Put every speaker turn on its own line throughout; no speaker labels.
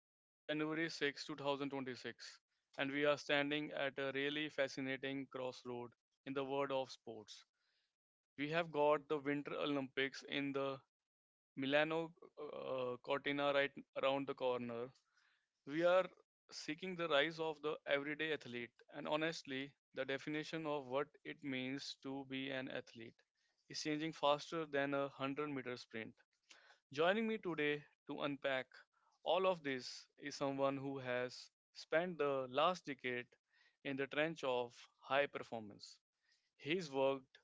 It's a January 6, 2026, and we are standing at a really fascinating crossroad in the world of sports. We have got the Winter Olympics in the Milano Cortina right around the corner. We are seeking the rise of the everyday athlete, and honestly, the definition of what it means to be an athlete is changing faster than a 100-meter sprint. Joining me today to unpack all of this is someone who has spent the last decade in the trench of high performance. He's worked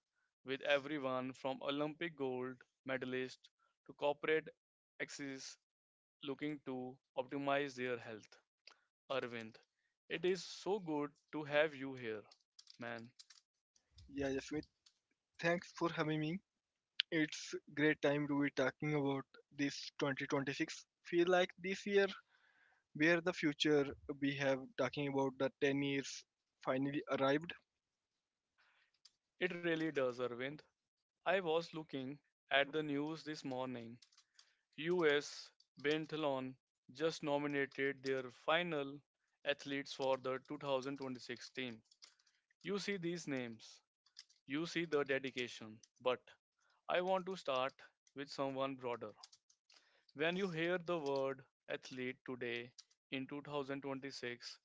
with everyone from Olympic gold medalists to corporate exes looking to optimize their health. Arvind, it is so good to have you here, man.
Yeah, Jasmeet, thanks for having me. It's great time to be talking about this 2026. Feel like this year, where the future we have talking about the 10 years finally arrived.
It really does, Arvind. I was looking at the news this morning. US Biathlon just nominated their final athletes for the 2026 team. You see these names, you see the dedication, but I want to start with someone broader. When you hear the word athlete today in 2026,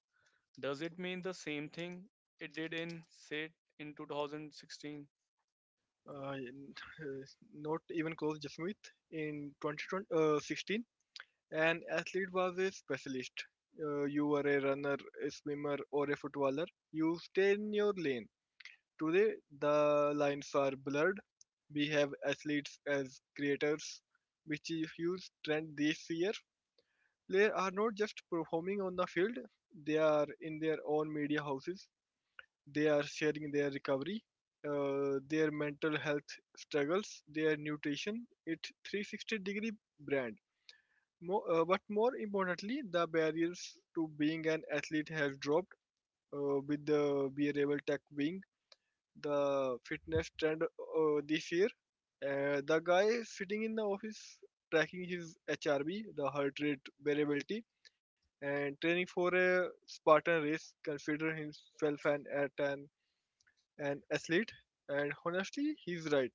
does it mean the same thing it did in, say, in 2016?
Uh, in- uh, Not even close, Jasmeet. In 2016, an athlete was a specialist. You were a runner, a swimmer, or a footballer. You stay in your lane. Today, the lines are blurred. We have athletes as creators, which is a huge trend this year. Players are not just performing on the field; they are in their own media houses. They are sharing their recovery, their mental health struggles, their nutrition. It's 360-degree brand. But more importantly, the barriers to being an athlete has dropped with the wearable tech being the fitness trend this year. The guy sitting in the office tracking his HRB, the heart rate variability, and training for a Spartan race consider himself an athlete. And honestly, he's right.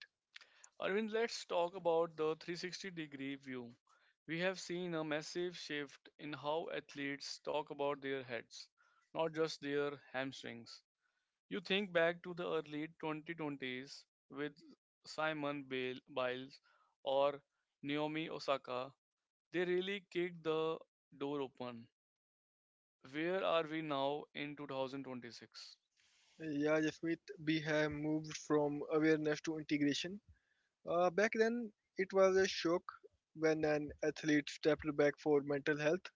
Arvind, let's talk about the 360 degree view. We have seen a massive shift in how athletes talk about their heads, not just their hamstrings. You think back to the early 2020s with Simon Bale- Biles or Naomi Osaka, they really kicked the door open. Where are we now in 2026?
Yeah, Jasmeet, we have moved from awareness to integration. Back then, it was a shock when an athlete stepped back for mental health.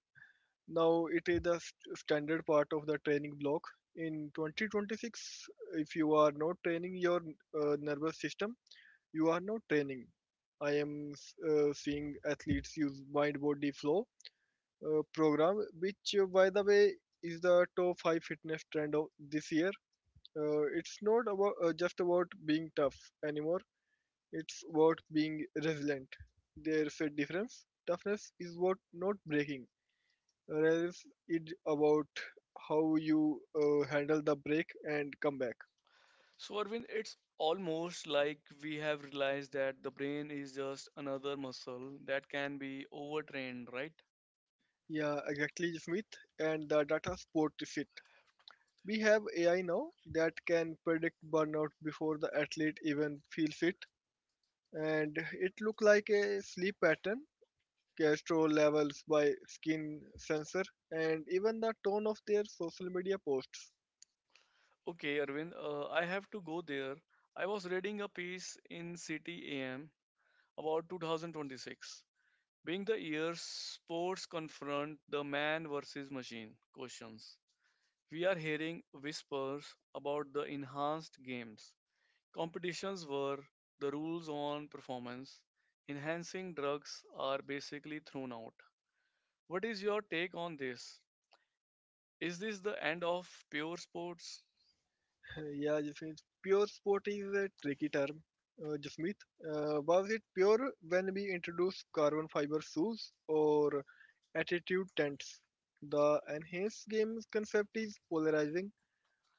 Now it is the standard part of the training block. In 2026, if you are not training your nervous system, you are not training. I am seeing athletes use mind body flow program, which by the way is the top five fitness trend of this year. It's not about just about being tough anymore. It's about being resilient. There's a difference. Toughness is what not breaking. Whereas it's about how you handle the break and come back.
So, Arvind, it's almost like we have realized that the brain is just another muscle that can be overtrained, right?
Yeah, exactly, Smith. And the data supports it. We have AI now that can predict burnout before the athlete even feels it, and it look like a sleep pattern, cholesterol levels by skin sensor, and even the tone of their social media posts.
Okay, Arvind, I have to go there. I was reading a piece in City AM about 2026, being the year sports confront the man versus machine questions. We are hearing whispers about the enhanced games, competitions were the rules on performance. Enhancing drugs are basically thrown out. What is your take on this? Is this the end of pure sports?
Yeah, Jasmeet. Pure sport is a tricky term, Jasmeet. Was it pure when we introduced carbon fiber shoes or attitude tents? The enhanced games concept is polarizing.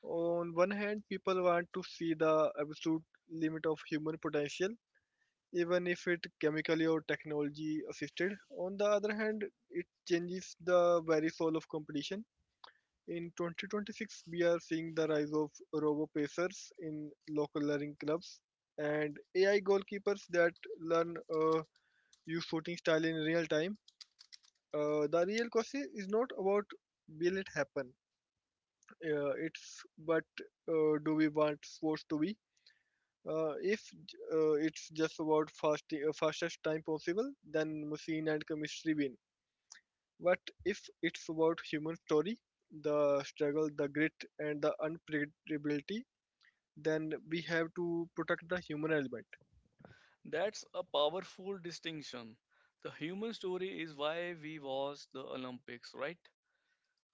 On one hand, people want to see the absolute limit of human potential, even if it chemically or technology assisted. On the other hand, it changes the very soul of competition. In 2026, we are seeing the rise of robo pacers in local learning clubs and AI goalkeepers that learn your shooting style in real time. The real question is not about will it happen, it's but do we want sports to be? If it's just about fastest time possible, then machine and chemistry win. But if it's about human story, the struggle, the grit, and the unpredictability, then we have to protect the human element.
That's a powerful distinction. The human story is why we watch the Olympics, right?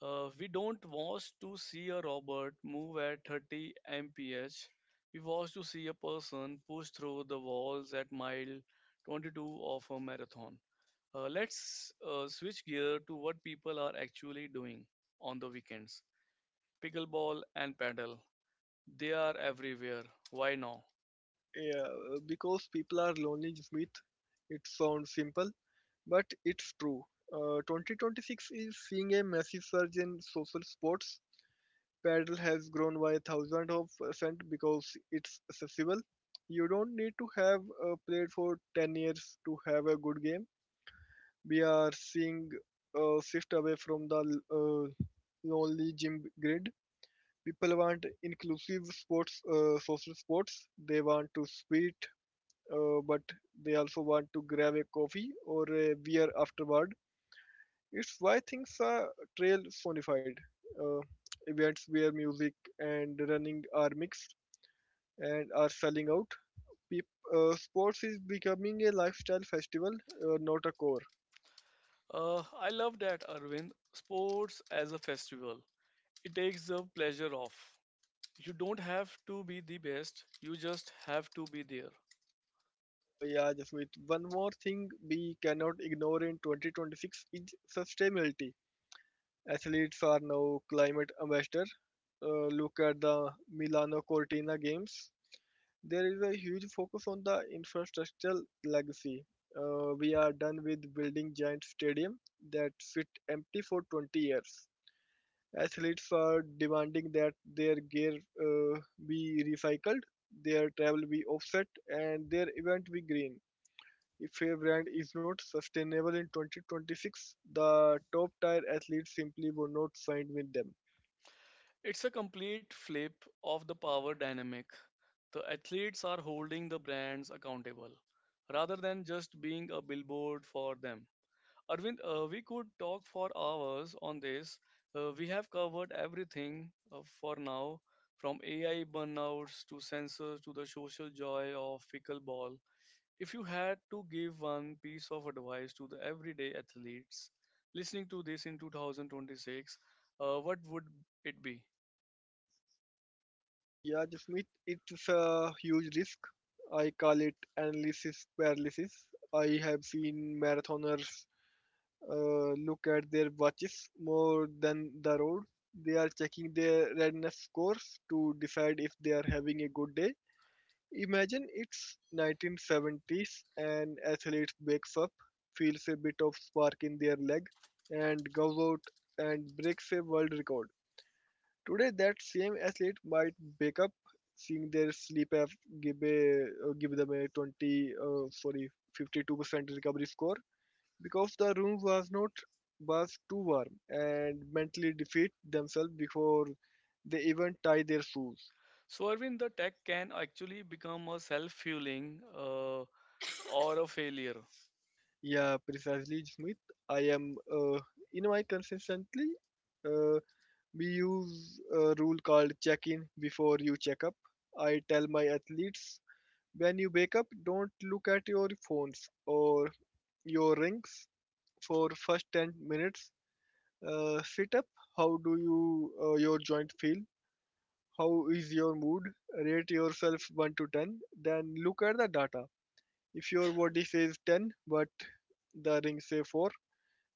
We don't watch to see a robot move at 30 mph. We watch to see a person push through the walls at mile 22 of a marathon. Let's switch gear to what people are actually doing on the weekends. Pickleball and paddle. They are everywhere. Why now?
Because people are lonely, Smith. It sounds simple, but it's true. 2026 is seeing a massive surge in social sports. Paddle has grown by thousands of percent because it's accessible. You don't need to have played for 10 years to have a good game. We are seeing a shift away from the lonely gym grid. People want inclusive sports, social sports. They want to sweet, but they also want to grab a coffee or a beer afterward. It's why things are trail sonified. Uh, Events where music and running are mixed and are selling out. Sports is becoming a lifestyle festival, not a core.
I love that, Arvind. Sports as a festival. It takes the pleasure off. You don't have to be the best, you just have to be there.
Yeah, Jasmeet. One more thing we cannot ignore in 2026 is sustainability. Athletes are now climate ambassador. Look at the Milano Cortina Games. There is a huge focus on the infrastructural legacy. We are done with building giant stadiums that sit empty for 20 years. Athletes are demanding that their gear be recycled, their travel be offset, and their event be green. If a brand is not sustainable in 2026, the top tier athletes simply will not sign with them.
It's a complete flip of the power dynamic. The athletes are holding the brands accountable rather than just being a billboard for them. Arvind, we could talk for hours on this. We have covered everything for now, from AI burnouts to sensors to the social joy of pickleball. If you had to give one piece of advice to the everyday athletes listening to this in 2026, what would it be?
Yeah, Jasmeet, it's a huge risk. I call it analysis paralysis. I have seen marathoners look at their watches more than the road. They are checking their readiness scores to decide if they are having a good day. Imagine it's 1970s and athlete wakes up, feels a bit of spark in their leg, and goes out and breaks a world record. Today, that same athlete might wake up seeing their sleep give, a, give them a 52% recovery score because the room was not was too warm and mentally defeat themselves before they even tie their shoes.
So, Arvind, the tech can actually become a self fueling or a failure.
Yeah, precisely, Smith. I am in my consistently. Uh, we use a rule called check in before you check up. I tell my athletes. When you wake up, don't look at your phones or your rings for first 10 minutes. Sit up. How do you your joint feel? How is your mood? Rate yourself 1 to 10. Then look at the data. If your body says 10, but the ring say 4,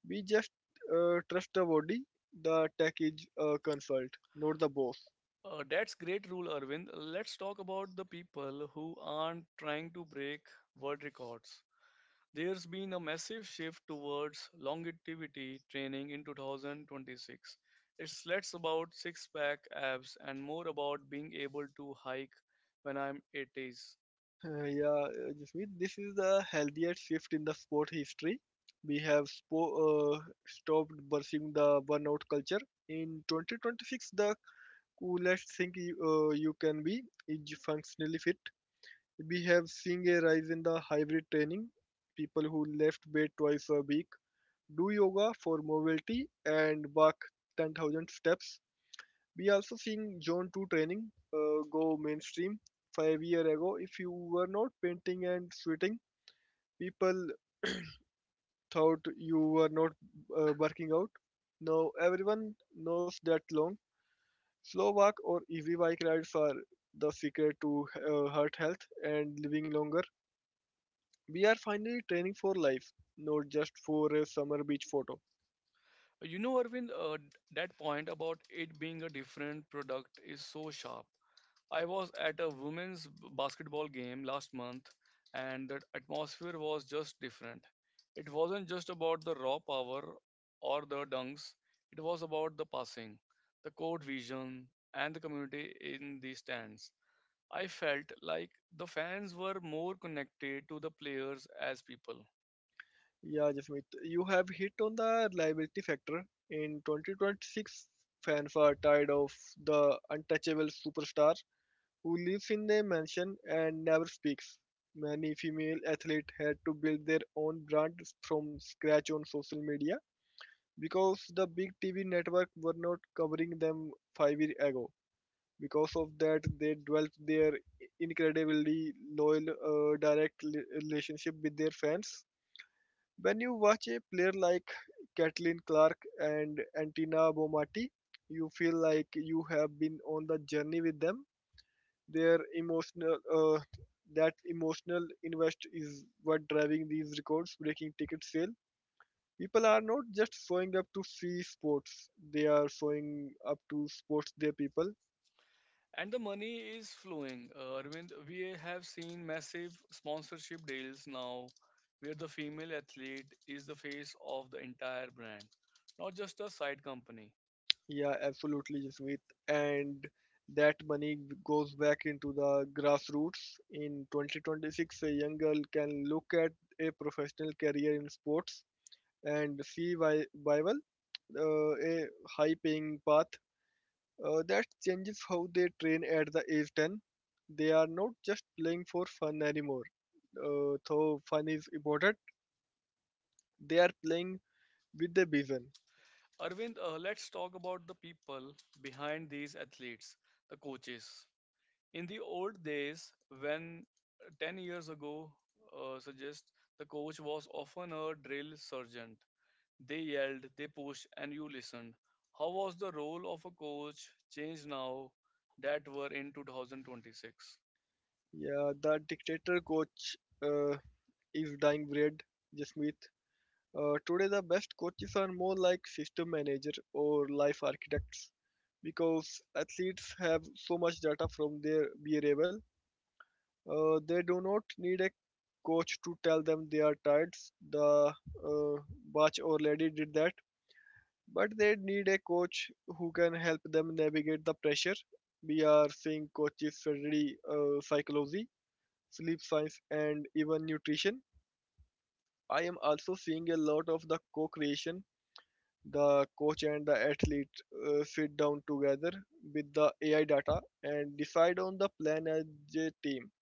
we just trust the body. The tech is a consult, not the boss.
That's great rule, Arvind. Let's talk about the people who aren't trying to break world records. There's been a massive shift towards longevity training in 2026. It's less about six pack abs and more about being able to hike when I'm 80s.
Yeah, Jasmeet, this is the healthiest shift in the sport history. We have stopped bursting the burnout culture. In 2026, the coolest thing you can be is functionally fit. We have seen a rise in the hybrid training, people who left bed twice a week, do yoga for mobility, and walk 10,000 steps. We also seeing Zone 2 training go mainstream. 5 years ago, if you were not painting and sweating, people thought you were not working out. Now everyone knows that long, slow walk or easy bike rides are the secret to heart health and living longer. We are finally training for life, not just for a summer beach photo.
You know, Arvind, that point about it being a different product is so sharp. I was at a women's basketball game last month, and the atmosphere was just different. It wasn't just about the raw power or the dunks, it was about the passing, the court vision, and the community in the stands. I felt like the fans were more connected to the players as people.
Yeah, Jasmeet, you have hit on the reliability factor. In 2026, fans are tired of the untouchable superstar who lives in a mansion and never speaks. Many female athletes had to build their own brand from scratch on social media because the big TV network were not covering them 5 years ago. Because of that, they developed their incredibly loyal, direct relationship with their fans. When you watch a player like Kathleen Clark and Antina Bomati, you feel like you have been on the journey with them. Their emotional, uh, that emotional invest is what driving these records breaking ticket sale. People are not just showing up to see sports; they are showing up to sports their people.
And the money is flowing. Arvind, we have seen massive sponsorship deals now where the female athlete is the face of the entire brand, not just a side company.
Yeah, absolutely, Jasmeet. And that money goes back into the grassroots. In 2026, a young girl can look at a professional career in sports and see why viable a high paying path. That changes how they train at the age 10. They are not just playing for fun anymore. Though fun is important, they are playing with the vision.
Arvind, let's talk about the people behind these athletes, the coaches. In the old days, when 10 years ago, suggest the coach was often a drill sergeant. They yelled, they pushed, and you listened. How was the role of a coach changed now that we're in 2026?
Yeah, the dictator coach is dying breed, Jasmeet. Today, the best coaches are more like system manager or life architects because athletes have so much data from their behaviour. They do not need a coach to tell them they are tired. The uh, Bach already did that, but they need a coach who can help them navigate the pressure. We are seeing coaches study psychology, sleep science, and even nutrition. I am also seeing a lot of the co-creation. The coach and the athlete sit down together with the AI data and decide on the plan as a team.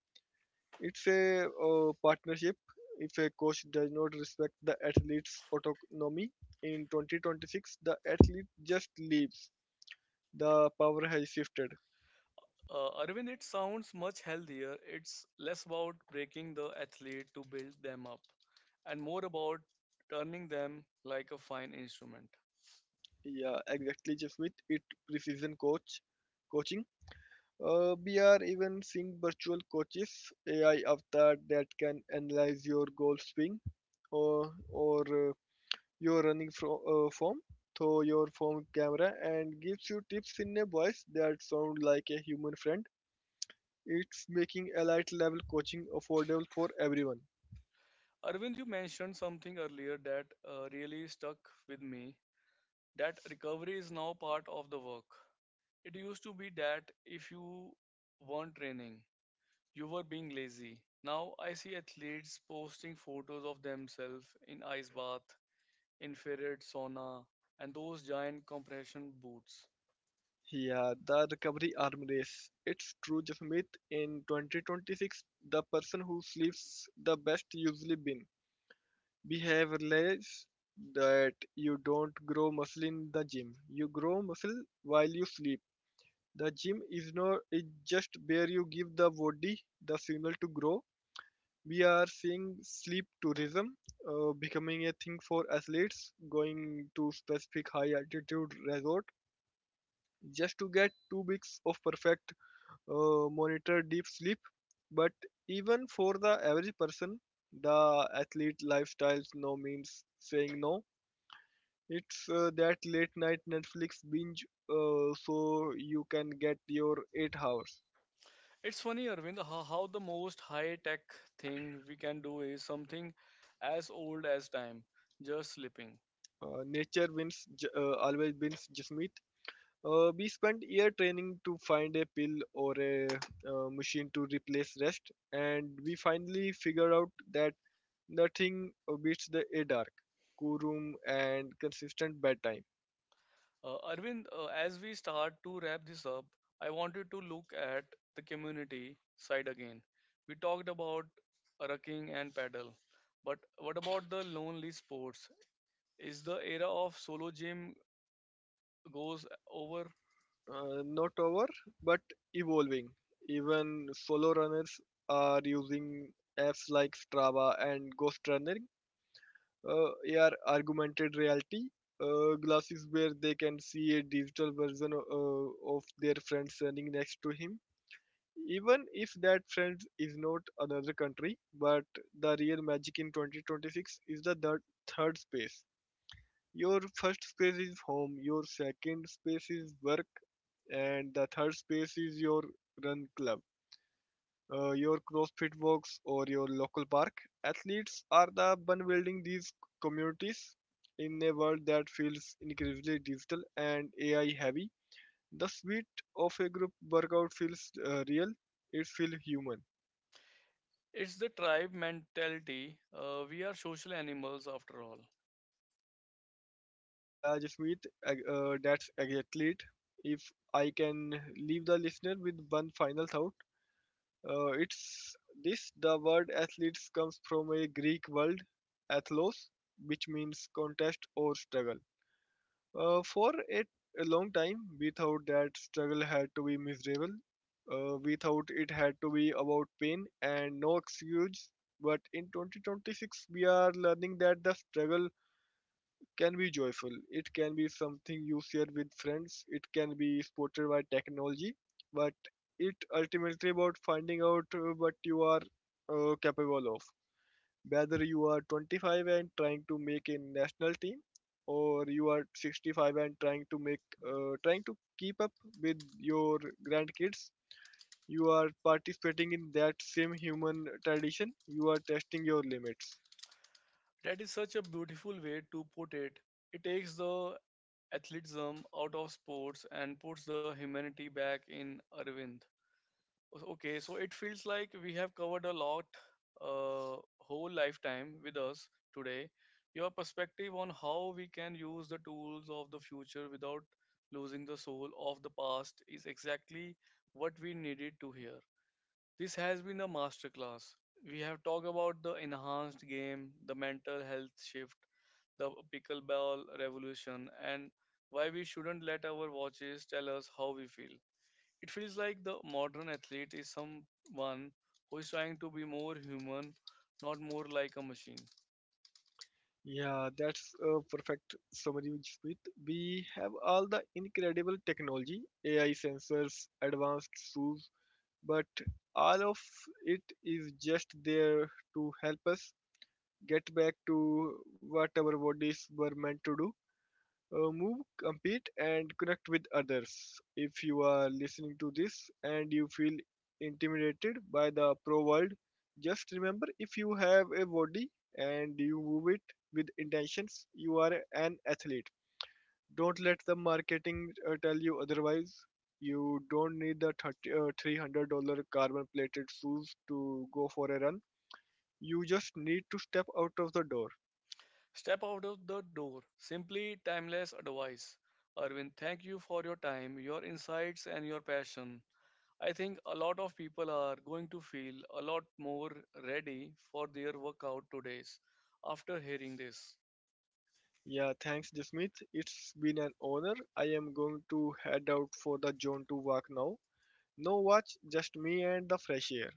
It's a partnership. If a coach does not respect the athlete's autonomy in 2026, the athlete just leaves. The power has shifted.
Arvind, it sounds much healthier. It's less about breaking the athlete to build them up and more about turning them like a fine instrument.
Yeah, exactly, Jeff Smith. It precision coaching. We are even seeing virtual coaches, AI avatar that can analyze your golf swing or uh, your running form through your phone camera and gives you tips in a voice that sound like a human friend. It's making elite level coaching affordable for everyone.
Arvind, you mentioned something earlier that really stuck with me, that recovery is now part of the work. It used to be that if you weren't training, you were being lazy. Now I see athletes posting photos of themselves in ice bath, infrared sauna, and those giant compression boots.
Yeah, the recovery arm race. It's true, Jasmeet. In 2026, the person who sleeps the best usually win. We have realized that you don't grow muscle in the gym. You grow muscle while you sleep. The gym is not is just where you give the body the signal to grow. We are seeing sleep tourism becoming a thing for athletes going to specific high altitude resort just to get 2 weeks of perfect monitored deep sleep. But even for the average person, the athlete lifestyles no means saying no. It's that late night netflix binge so you can get your 8 hours.
It's funny, Arvind, how the most high tech thing we can do is something as old as time, just sleeping.
Nature wins always wins, Jasmeet. We spent year training to find a pill or a machine to replace rest, and we finally figure out that nothing beats the a dark, cool room, and consistent bedtime.
Arvind, as we start to wrap this up, I wanted to look at the community side again. We talked about rucking and paddle, but what about the lonely sports? Is the era of solo gym goes over?
Not over, but evolving. Even solo runners are using apps like Strava and Ghost Running. Uh, AR augmented reality glasses where they can see a digital version of their friends standing next to him. Even if that friend is not another country, but the real magic in 2026 is the third space. Your first space is home, your second space is work, and the third space is your run club, your CrossFit walks, or your local park. Athletes are the one building these communities in a world that feels increasingly digital and AI heavy. The sweat of a group workout feels real, it feels human.
It's the tribe mentality. We are social animals after all.
Yeah, Jasmeet, that's exactly it. If I can leave the listener with one final thought, it's this: the word athletes comes from a Greek word, athlos, which means contest or struggle. For a long time, we thought that struggle had to be miserable. We thought it had to be about pain and no excuse. But in 2026, we are learning that the struggle can be joyful. It can be something you share with friends. It can be supported by technology, but it ultimately about finding out what you are capable of. Whether you are 25 and trying to make a national team, or you are 65 and trying to keep up with your grandkids, you are participating in that same human tradition. You are testing your limits.
That is such a beautiful way to put it. It takes the athleticism out of sports and puts the humanity back in Arvind. Okay, so it feels like we have covered a lot, uh, whole lifetime with us today. Your perspective on how we can use the tools of the future without losing the soul of the past is exactly what we needed to hear. This has been a masterclass. We have talked about the enhanced game, the mental health shift, the pickleball revolution, and why we shouldn't let our watches tell us how we feel. It feels like the modern athlete is someone who is trying to be more human, not more like a machine.
Yeah, that's a perfect summary, Smith. We have all the incredible technology, AI sensors, advanced tools, but all of it is just there to help us get back to what our bodies were meant to do, move, compete, and connect with others. If you are listening to this and you feel intimidated by the pro world, just remember if you have a body and you move it with intentions, you are an athlete. Don't let the marketing tell you otherwise. You don't need the $300 carbon plated shoes to go for a run. You just need to step out of the door.
Step out of the door. Simply timeless advice. Arvind, thank you for your time, your insights, and your passion. I think a lot of people are going to feel a lot more ready for their workout today after hearing this.
Yeah, thanks, Jasmeet. It's been an honor. I am going to head out for the zone to walk now. No watch, just me and the fresh air.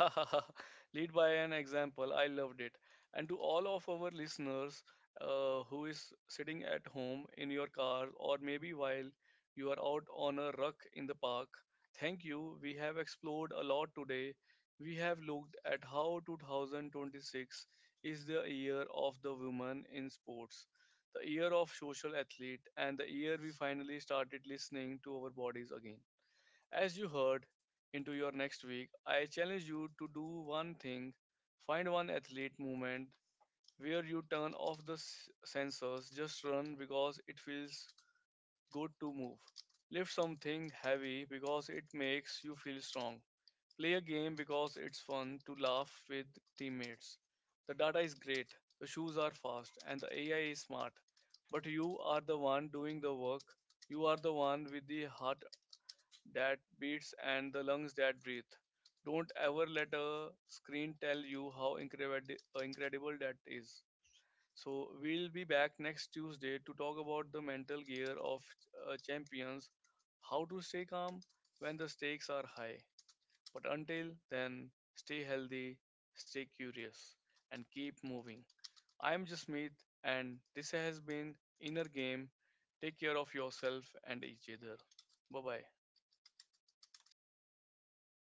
Lead by an example. I loved it. And to all of our listeners who is sitting at home in your car or maybe while you are out on a ruck in the park, thank you. We have explored a lot today. We have looked at how 2026 is the year of the woman in sports, the year of social athlete, and the year we finally started listening to our bodies again. As you heard into your next week, I challenge you to do one thing, find one athlete movement where you turn off the sensors, just run because it feels good to move. Lift something heavy because it makes you feel strong. Play a game because it's fun to laugh with teammates. The data is great, the shoes are fast, and the AI is smart. But you are the one doing the work. You are the one with the heart that beats and the lungs that breathe. Don't ever let a screen tell you how incredible that is. So, we'll be back next Tuesday to talk about the mental gear of champions, how to stay calm when the stakes are high. But until then, stay healthy, stay curious, and keep moving. I'm Jasmeet, and this has been Inner Game. Take care of yourself and each other. Bye bye.